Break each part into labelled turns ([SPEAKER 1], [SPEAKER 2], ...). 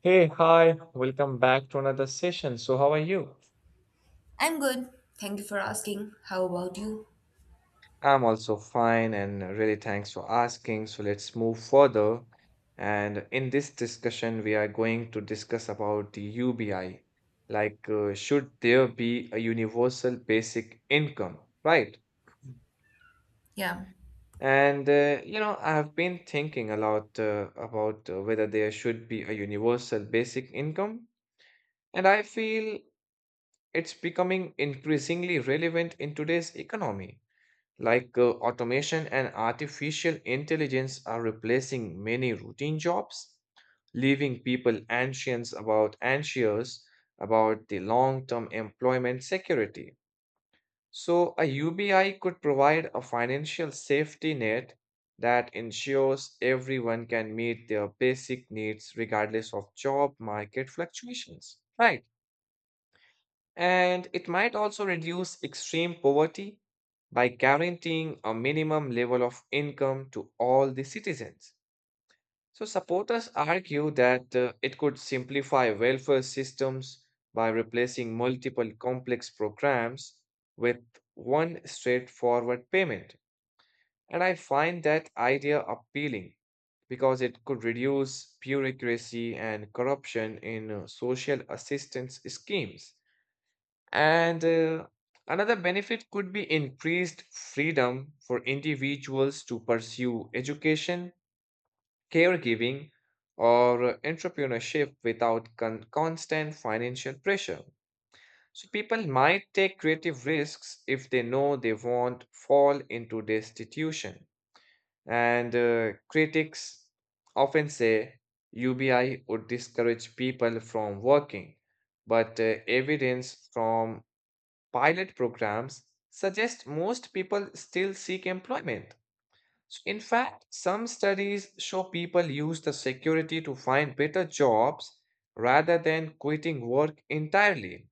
[SPEAKER 1] Hey, hi, welcome back to another session. So, how are you?
[SPEAKER 2] I'm good. Thank you for asking. How about you?
[SPEAKER 1] I'm also fine and really thanks for asking. So, let's move further. And in this discussion, we are going to discuss about the UBI. Should there be a universal basic income, right?
[SPEAKER 2] Yeah.
[SPEAKER 1] I have been thinking a lot about whether there should be a universal basic income. And I feel it's becoming increasingly relevant in today's economy automation and artificial intelligence are replacing many routine jobs, leaving people anxious about the long-term employment security. So a UBI could provide a financial safety net that ensures everyone can meet their basic needs regardless of job market fluctuations. Right. And it might also reduce extreme poverty by guaranteeing a minimum level of income to all the citizens. So supporters argue that it could simplify welfare systems by replacing multiple complex programs with one straightforward payment. And I find that idea appealing because it could reduce bureaucracy and corruption in social assistance schemes. And Another benefit could be increased freedom for individuals to pursue education, caregiving, or entrepreneurship without constant financial pressure. So people might take creative risks if they know they won't fall into destitution. And critics often say UBI would discourage people from working, but evidence from pilot programs suggest most people still seek employment. So in fact, some studies show people use the security to find better jobs rather than quitting work entirely.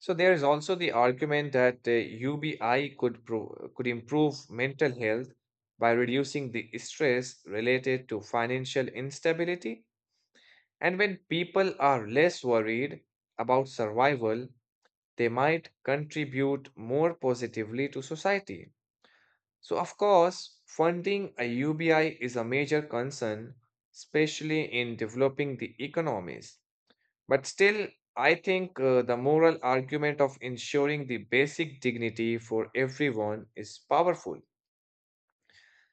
[SPEAKER 1] So there is also the argument that could improve mental health by reducing the stress related to financial instability. And when people are less worried about survival, they might contribute more positively to society. So, of course, funding a UBI is a major concern, especially in developing the economies. But still, I think the moral argument of ensuring the basic dignity for everyone is powerful.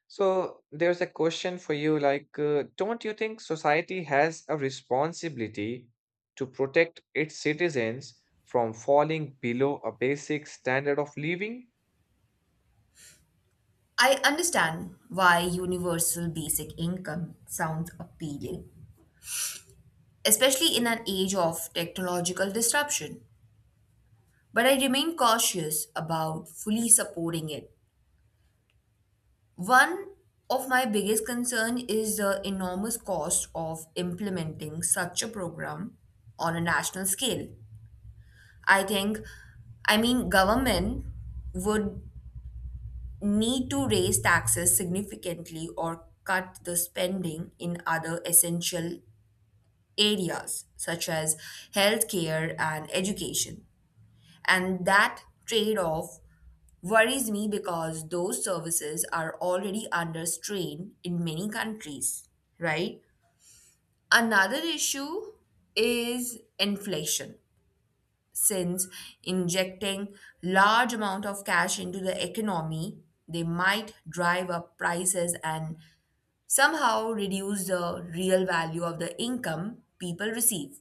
[SPEAKER 1] So there's a question for you like, don't you think society has a responsibility to protect its citizens from falling below a basic standard of living?
[SPEAKER 2] I understand why universal basic income sounds appealing, especially in an age of technological disruption. But I remain cautious about fully supporting it. One of my biggest concern is the enormous cost of implementing such a program on a national scale. I think, I mean, government would need to raise taxes significantly or cut the spending in other essential areas such as healthcare and education. And that trade off worries me because those services are already under strain in many countries, right? Another issue is inflation since injecting large amount of cash into the economy they might drive up prices and somehow reduce the real value of the income people receive.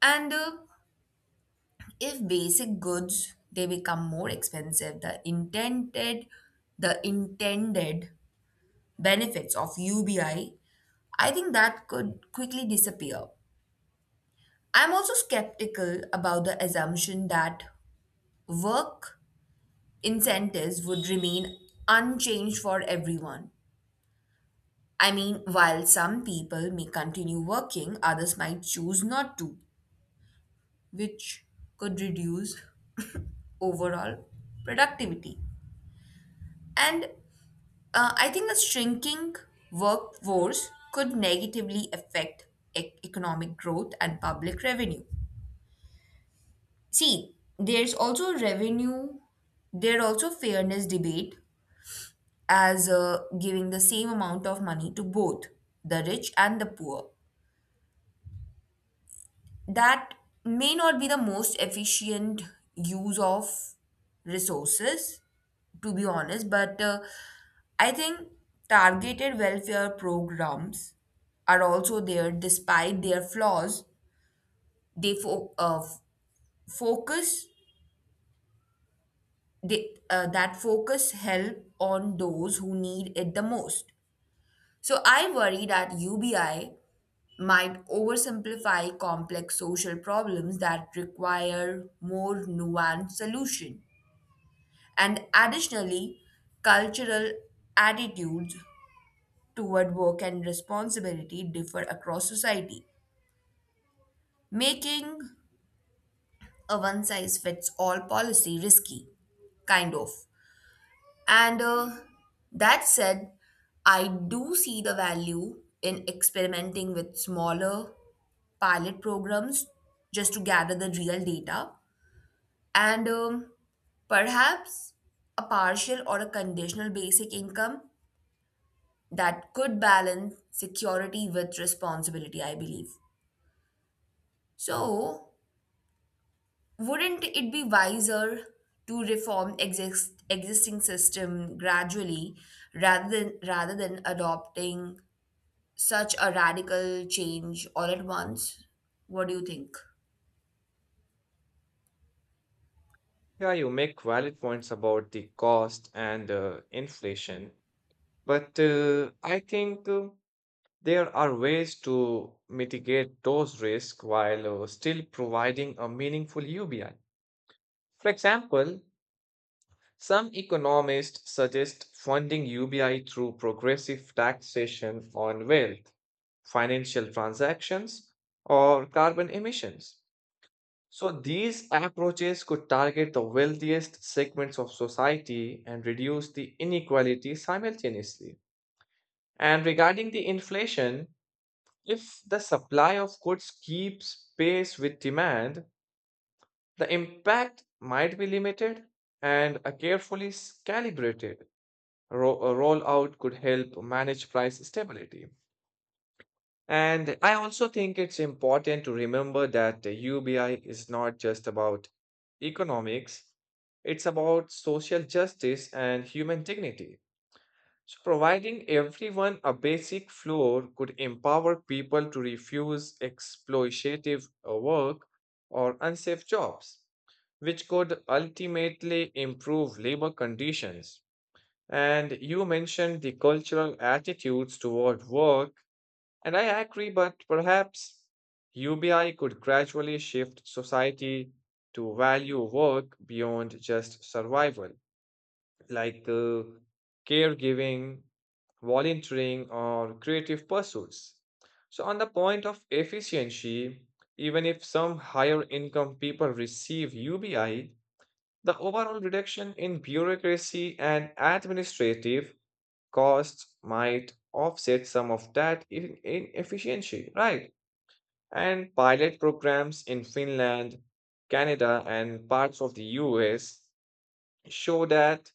[SPEAKER 2] And If basic goods they become more expensive, the intended benefits of UBI, I think that could quickly disappear. I'm also skeptical about the assumption that work incentives would remain unchanged for everyone. I mean, while some people may continue working, others might choose not to, which could reduce overall productivity. And I think a shrinking workforce could negatively affect economic growth and public revenue. See, there's also revenue, there are also fairness debate as giving the same amount of money to both the rich and the poor. That may not be the most efficient use of resources to be honest, but I think targeted welfare programs are also there despite their flaws. They focus that focus help on those who need it the most. So I worry that UBI might oversimplify complex social problems that require more nuanced solution. And additionally, cultural attitudes toward work and responsibility differ across society, making a one size fits all policy risky, kind of. And That said, I do see the value in experimenting with smaller pilot programs just to gather the real data. And Perhaps a partial or a conditional basic income that could balance security with responsibility, I believe. So, wouldn't it be wiser to reform existing system gradually rather than adopting such a radical change all at once? What do you think?
[SPEAKER 1] Yeah, you make valid points about the cost and inflation, but I think there are ways to mitigate those risks while still providing a meaningful UBI. For example, some economists suggest funding UBI through progressive taxation on wealth, financial transactions, or carbon emissions. So, these approaches could target the wealthiest segments of society and reduce the inequality simultaneously. And regarding the inflation, if the supply of goods keeps pace with demand, the impact might be limited and carefully calibrated rollout could help manage price stability. And I also think it's important to remember that the UBI is not just about economics, it's about social justice and human dignity. So, providing everyone a basic floor could empower people to refuse exploitative work or unsafe jobs, which could ultimately improve labor conditions. And you mentioned the cultural attitudes toward work, and I agree, but perhaps UBI could gradually shift society to value work beyond just survival, like caregiving, volunteering, or creative pursuits. So, on the point of efficiency, even if some higher income people receive UBI, the overall reduction in bureaucracy and administrative costs might offset some of that inefficiency, right? And pilot programs in Finland, Canada, and parts of the US show that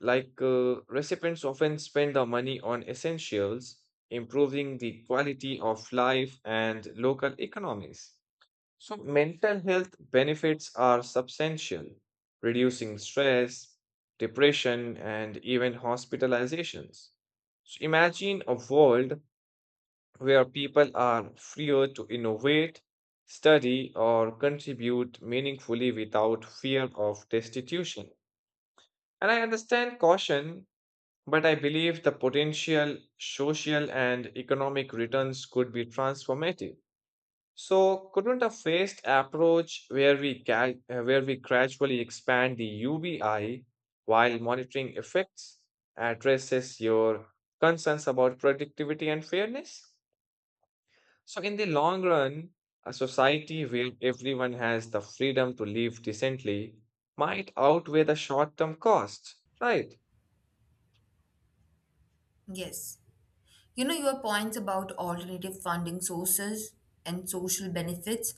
[SPEAKER 1] recipients often spend the money on essentials, improving the quality of life and local economies. So, mental health benefits are substantial, reducing stress, depression, and even hospitalizations. So, imagine a world where people are freer to innovate, study, or contribute meaningfully without fear of destitution. And I understand caution, but I believe the potential social and economic returns could be transformative. So, couldn't a phased approach where we gradually expand the UBI while monitoring effects addresses your concerns about productivity and fairness? So, in the long run, a society where everyone has the freedom to live decently might outweigh the short-term costs, right?
[SPEAKER 2] Yes. You know, your points about alternative funding sources and social benefits,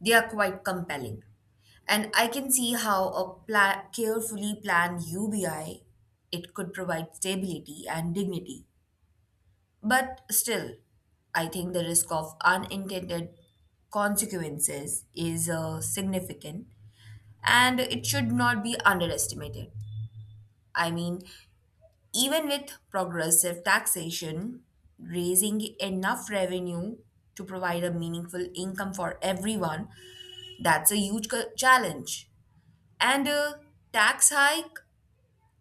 [SPEAKER 2] they are quite compelling. And I can see how a carefully planned UBI, it could provide stability and dignity. But still, I think the risk of unintended consequences is significant and it should not be underestimated. I mean, even with progressive taxation, raising enough revenue to provide a meaningful income for everyone, that's a huge challenge. And a tax hike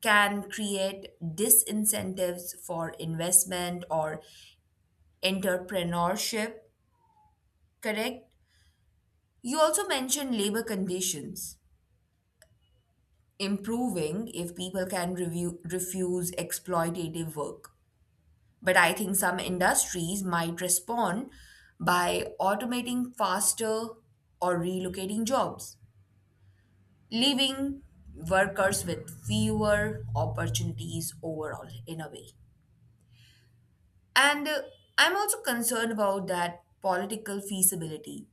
[SPEAKER 2] can create disincentives for investment or entrepreneurship, correct? You also mentioned labor conditions improving if people can refuse exploitative work. But I think some industries might respond by automating faster or relocating jobs, leaving workers with fewer opportunities overall, in a way. And I'm also concerned about that political feasibility.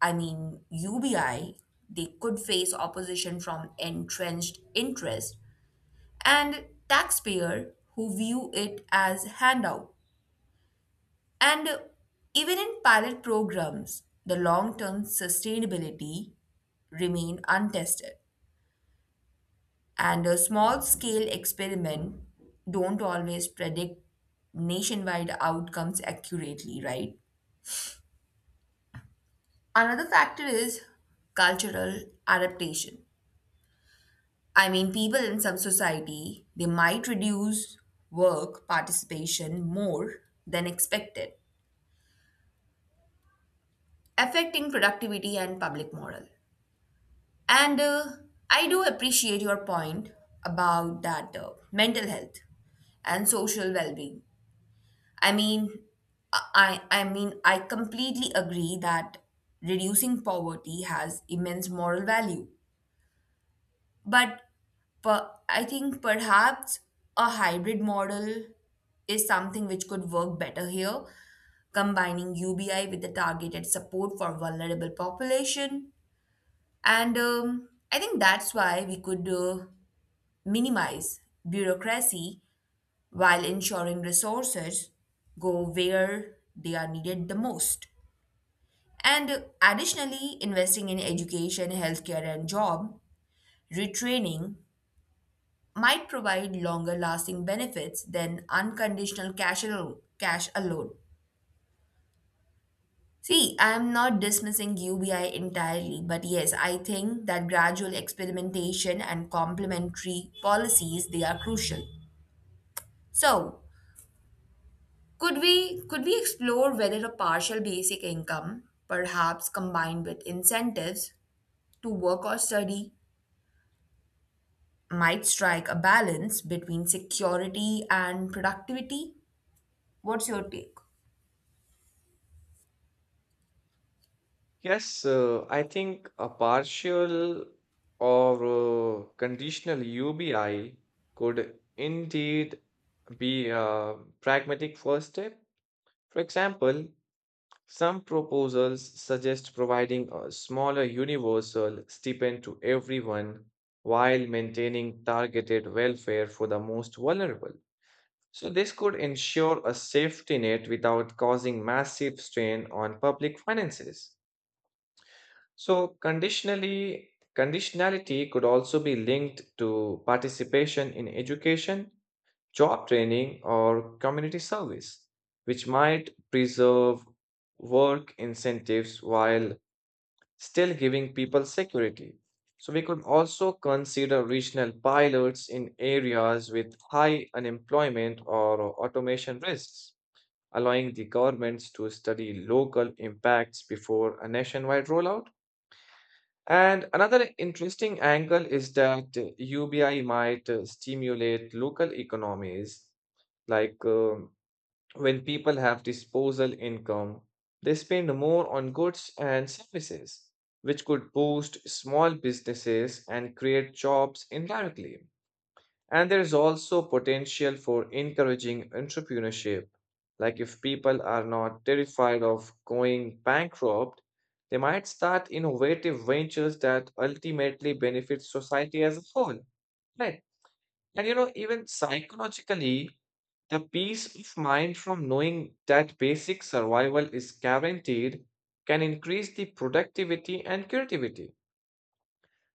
[SPEAKER 2] I mean, UBI, they could face opposition from entrenched interest and taxpayer who view it as handout. And even in pilot programs, the long-term sustainability remain untested. And a small-scale experiment don't always predict nationwide outcomes accurately, right? Another factor is cultural adaptation. I mean, people in some society, they might reduce work participation more than expected, affecting productivity and public moral. And I do appreciate your point about that mental health and social well-being. I mean, I completely agree that reducing poverty has immense moral value. But I think perhaps a hybrid model is something which could work better here, combining UBI with the targeted support for vulnerable population. And I think that's why we could minimize bureaucracy while ensuring resources go where they are needed the most. And additionally, investing in education, healthcare, and job retraining might provide longer lasting benefits than unconditional cash alone. Cash alone. See, I am not dismissing UBI entirely, but yes, I think that gradual experimentation and complementary policies they are crucial. So, could we explore whether a partial basic income, perhaps combined with incentives to work or study, might strike a balance between security and productivity? What's your take?
[SPEAKER 1] Yes, I think a partial or conditional UBI could indeed be a pragmatic first step. For example, some proposals suggest providing a smaller universal stipend to everyone while maintaining targeted welfare for the most vulnerable. So, this could ensure a safety net without causing massive strain on public finances. So conditionally conditionality could also be linked to participation in education, job training or community service, which might preserve work incentives while still giving people security. So we could also consider regional pilots in areas with high unemployment or automation risks, allowing the governments to study local impacts before a nationwide rollout. And another interesting angle is that UBI might stimulate local economies. Like um, when people have disposal income, they spend more on goods and services, which could boost small businesses and create jobs indirectly. And there is also potential for encouraging entrepreneurship. Like if people are not terrified of going bankrupt, they might start innovative ventures that ultimately benefit society as a whole. Right. And you know, even psychologically, the peace of mind from knowing that basic survival is guaranteed can increase the productivity and creativity.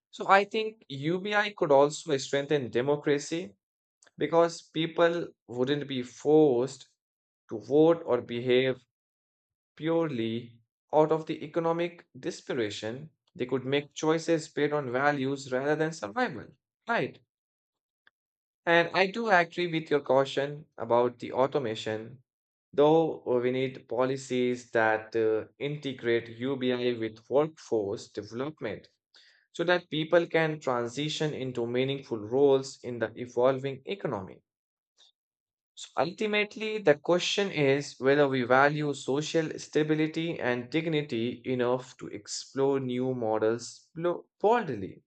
[SPEAKER 1] So I think UBI could also strengthen democracy because people wouldn't be forced to vote or behave purely out of the economic desperation. They could make choices based on values rather than survival. Right. And I do agree with your caution about the automation, though we need policies that integrate UBI with workforce development so that people can transition into meaningful roles in the evolving economy. So ultimately, the question is whether we value social stability and dignity enough to explore new models boldly.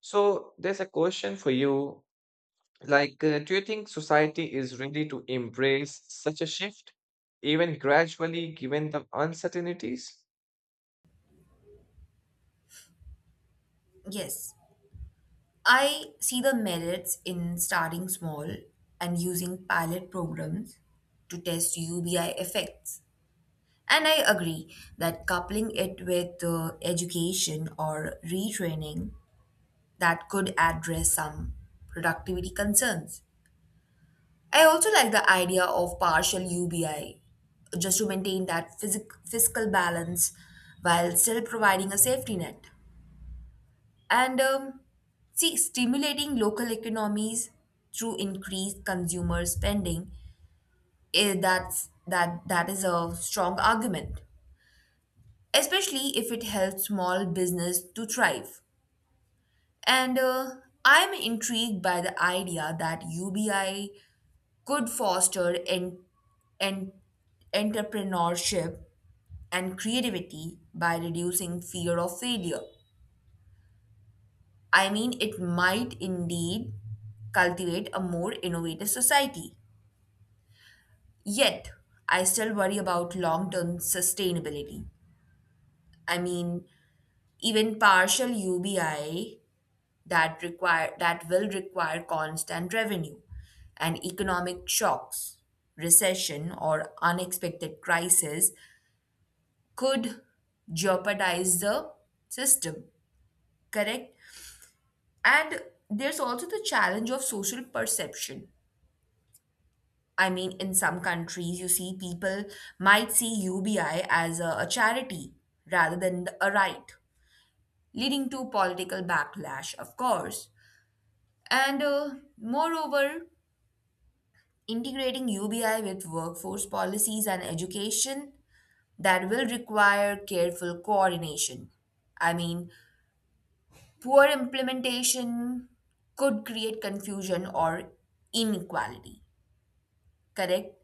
[SPEAKER 1] So there's a question for you. Do you think society is ready to embrace such a shift, even gradually, given the uncertainties?
[SPEAKER 2] Yes. I see the merits in starting small and using pilot programs to test UBI effects. And I agree that coupling it with education or retraining that could address some productivity concerns. I also like the idea of partial UBI just to maintain that fiscal balance while still providing a safety net. And See, stimulating local economies through increased consumer spending, that's that is a strong argument, especially if it helps small business to thrive. And I'm intrigued by the idea that UBI could foster en- entrepreneurship and creativity by reducing fear of failure. I mean, it might indeed cultivate a more innovative society. Yet, I still worry about long term sustainability. I mean, even partial UBI that will require constant revenue and economic shocks, recession or unexpected crisis could jeopardize the system, correct? And there's also the challenge of social perception. I mean, in some countries, you see people might see UBI as a charity rather than a right, leading to political backlash, of course. And Moreover, integrating UBI with workforce policies and education that will require careful coordination. I mean, poor implementation could create confusion or inequality, correct?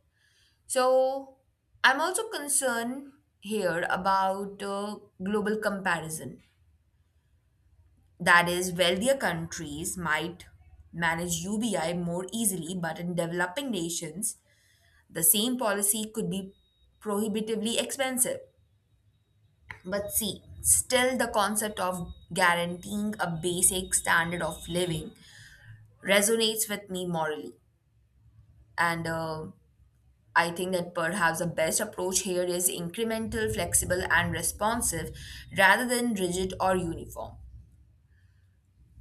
[SPEAKER 2] So, I'm also concerned here about global comparison. That is, wealthier countries might manage UBI more easily, but in developing nations, the same policy could be prohibitively expensive. But see, still the concept of guaranteeing a basic standard of living resonates with me morally. And I think that perhaps the best approach here is incremental, flexible, and responsive rather than rigid or uniform.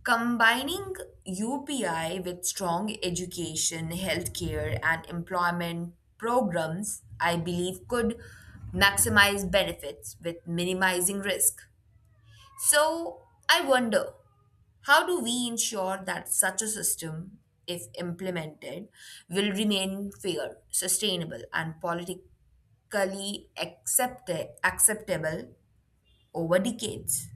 [SPEAKER 2] Combining UPI with strong education, healthcare, and employment programs, I believe, could maximize benefits with minimizing risk. So, I wonder how do we ensure that such a system, if implemented, will remain fair, sustainable, and politically acceptable over decades.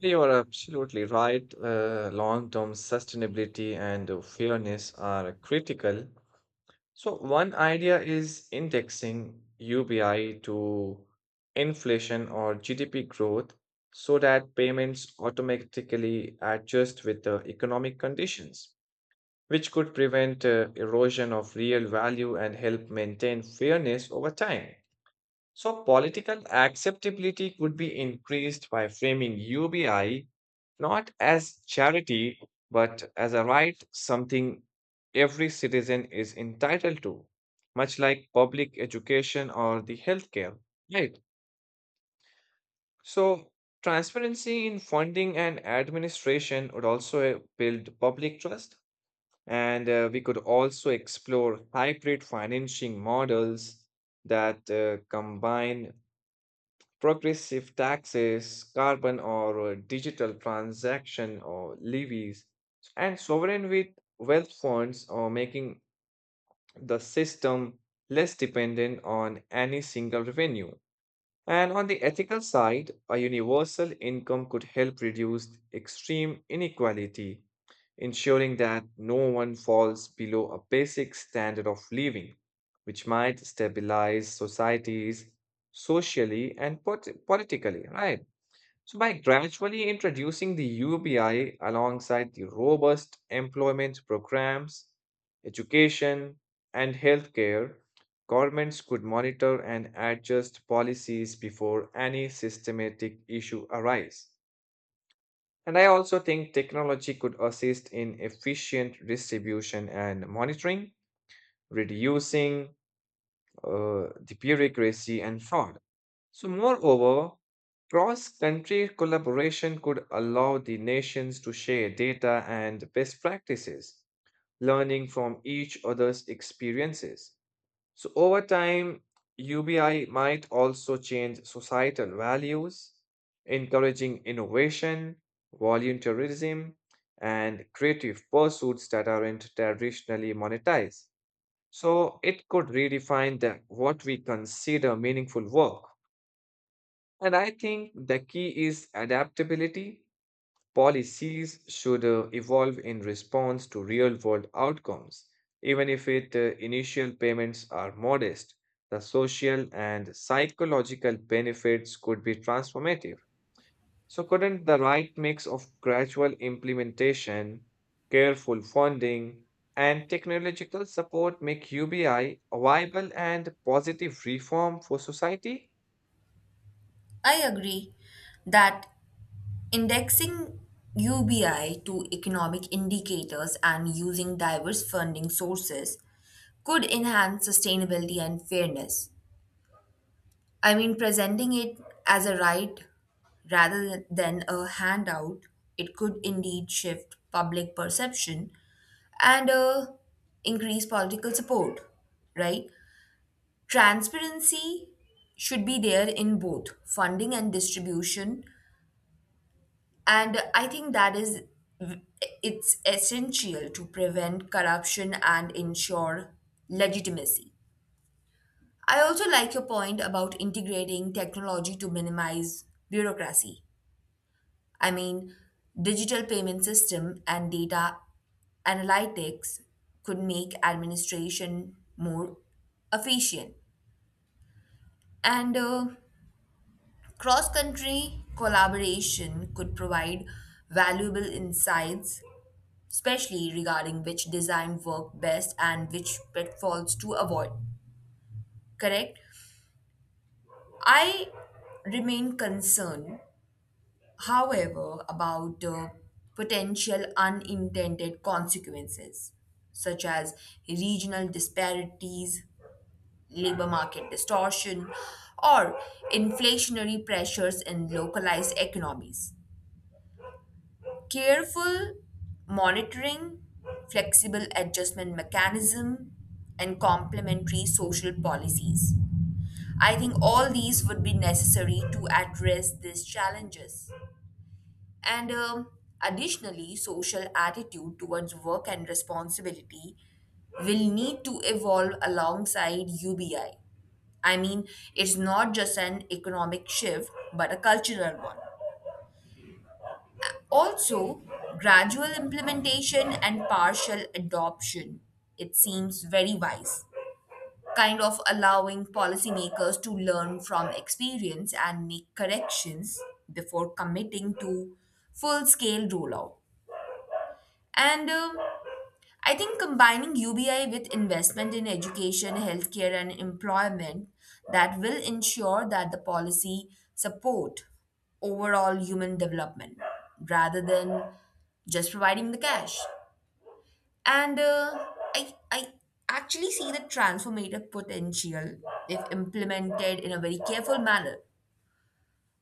[SPEAKER 1] You are absolutely right. Long-term sustainability and fairness are critical. So one idea is indexing UBI to inflation or GDP growth so that payments automatically adjust with the economic conditions, which could prevent erosion of real value and help maintain fairness over time. So political acceptability could be increased by framing UBI not as charity, but as a right, something every citizen is entitled to, much like public education or the healthcare. Right. So transparency in funding and administration would also build public trust. And we could also explore hybrid financing models that combine progressive taxes, carbon or digital transaction or levies, and sovereign with wealth funds are making the system less dependent on any single revenue. And on the ethical side, a universal income could help reduce extreme inequality, ensuring that no one falls below a basic standard of living, which might stabilize societies socially and politically, right? So, by gradually introducing the UBI alongside the robust employment programs, education, and healthcare, governments could monitor and adjust policies before any systematic issue arise. And I also think technology could assist in efficient distribution and monitoring, reducing the bureaucracy and fraud. So, moreover, cross country collaboration could allow the nations to share data and best practices, learning from each other's experiences. So, over time, UBI might also change societal values, encouraging innovation, volunteerism, and creative pursuits that aren't traditionally monetized. So, it could redefine the, what we consider meaningful work. And I think the key is adaptability. Policies should evolve in response to real world outcomes. Even if its initial payments are modest, the social and psychological benefits could be transformative. So, couldn't the right mix of gradual implementation, careful funding, and technological support make UBI viable and positive reform for society?
[SPEAKER 2] I agree that indexing UBI to economic indicators and using diverse funding sources could enhance sustainability and fairness. I mean, presenting it as a right rather than a handout, it could indeed shift public perception and increase political support, right? Transparency should be there in both funding and distribution, and I think that is it's essential to prevent corruption and ensure legitimacy. I also like your point about integrating technology to minimize bureaucracy. I mean, digital payment system and data analytics could make administration more efficient. And Cross country collaboration could provide valuable insights, especially regarding which design work best and which pitfalls to avoid. Correct? I remain concerned, however, about potential unintended consequences, such as regional disparities, labor market distortion, or inflationary pressures in localized economies. Careful monitoring, flexible adjustment mechanism, and complementary social policies. I think all these would be necessary to address these challenges. And Additionally, social attitude towards work and responsibility will need to evolve alongside UBI. I I mean, it's not just an economic shift, but a cultural one. Also, gradual implementation and partial adoption, it seems very wise, kind of allowing policymakers to learn from experience and make corrections before committing to full scale rollout. And I think combining UBI with investment in education, healthcare, and employment that will ensure that the policy support overall human development rather than just providing the cash. And uh, I actually see the transformative potential if implemented in a very careful manner.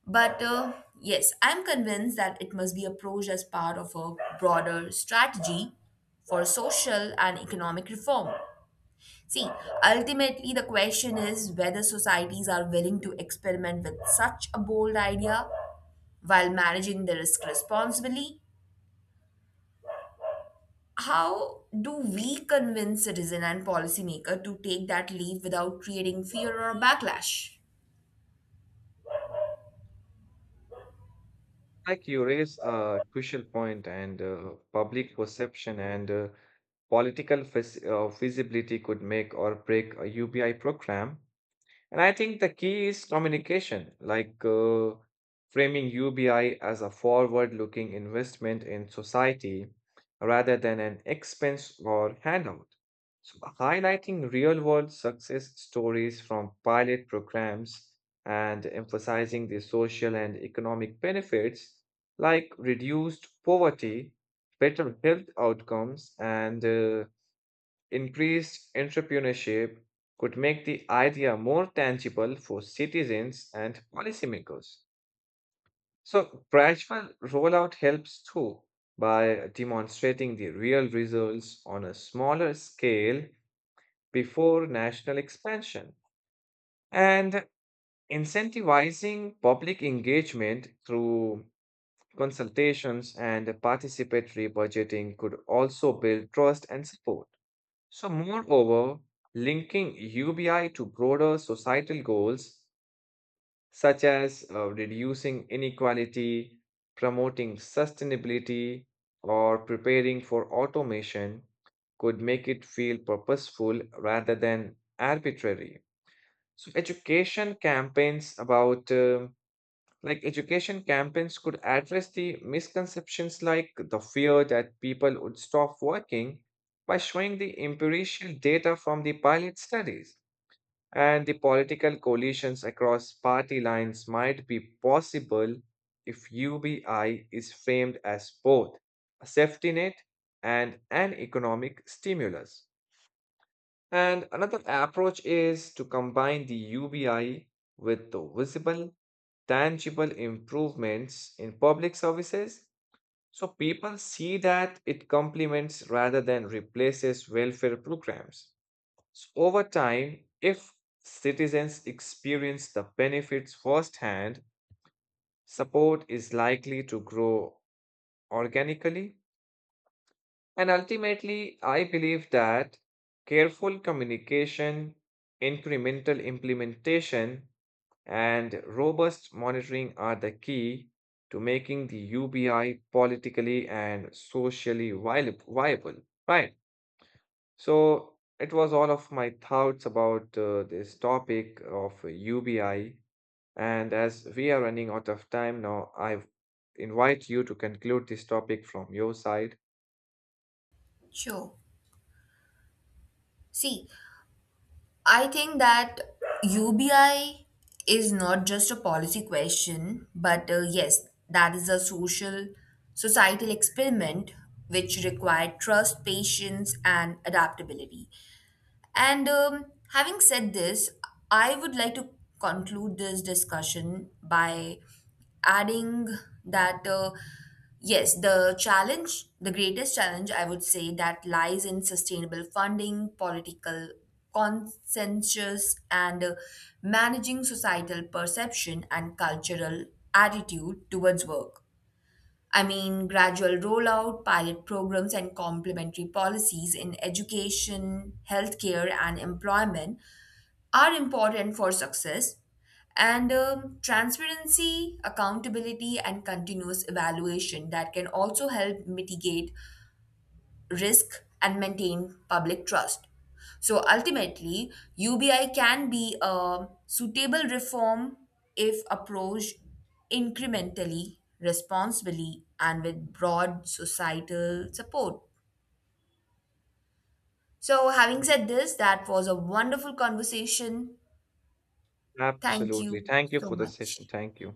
[SPEAKER 2] But Yes, I'm convinced that it must be approached as part of a broader strategy for social and economic reform. See, ultimately, the question is whether societies are willing to experiment with such a bold idea while managing the risk responsibly. How do we convince citizen and policymaker to take that leap without creating fear or backlash?
[SPEAKER 1] You raise a crucial point, and public perception and visibility could make or break a UBI program. And I think the key is communication, like framing UBI as a forward-looking investment in society rather than an expense or handout. So highlighting real-world success stories from pilot programs and emphasizing the social and economic benefits like reduced poverty, better health outcomes, and increased entrepreneurship could make the idea more tangible for citizens and policymakers. So, gradual rollout helps too by demonstrating the real results on a smaller scale before national expansion and incentivizing public engagement through consultations and participatory budgeting could also build trust and support. So, moreover, linking UBI to broader societal goals such as reducing inequality, promoting sustainability, or preparing for automation could make it feel purposeful rather than arbitrary. So, education campaigns could address the misconceptions like the fear that people would stop working by showing the empirical data from the pilot studies. And the political coalitions across party lines might be possible if UBI is framed as both a safety net and an economic stimulus. And another approach is to combine the UBI with the visible tangible improvements in public services. So people see that it complements rather than replaces welfare programs. So over time, if citizens experience the benefits firsthand, support is likely to grow organically. And ultimately, I believe that careful communication, incremental implementation, and robust monitoring are the key to making the UBI politically and socially viable. Right. So it was all of my thoughts about this topic of UBI. And as we are running out of time now, I invite you to conclude this topic from your side.
[SPEAKER 2] Sure. See, I think that UBI is not just a policy question, but yes, that is a social, societal experiment which required trust, patience, and adaptability. And Having said this, I would like to conclude this discussion by adding that, yes, the greatest challenge I would say that lies in sustainable funding, political consensus, and managing societal perception and cultural attitude towards work. I mean, gradual rollout, pilot programs, and complementary policies in education, healthcare, and employment are important for success. And Transparency, accountability, and continuous evaluation that can also help mitigate risk and maintain public trust. So ultimately, UBI can be a suitable reform if approached incrementally, responsibly, and with broad societal support. So, having said this, that was a wonderful conversation. Thank
[SPEAKER 1] Absolutely.
[SPEAKER 2] you
[SPEAKER 1] Thank you
[SPEAKER 2] so
[SPEAKER 1] for the session.
[SPEAKER 2] much.
[SPEAKER 1] Thank you.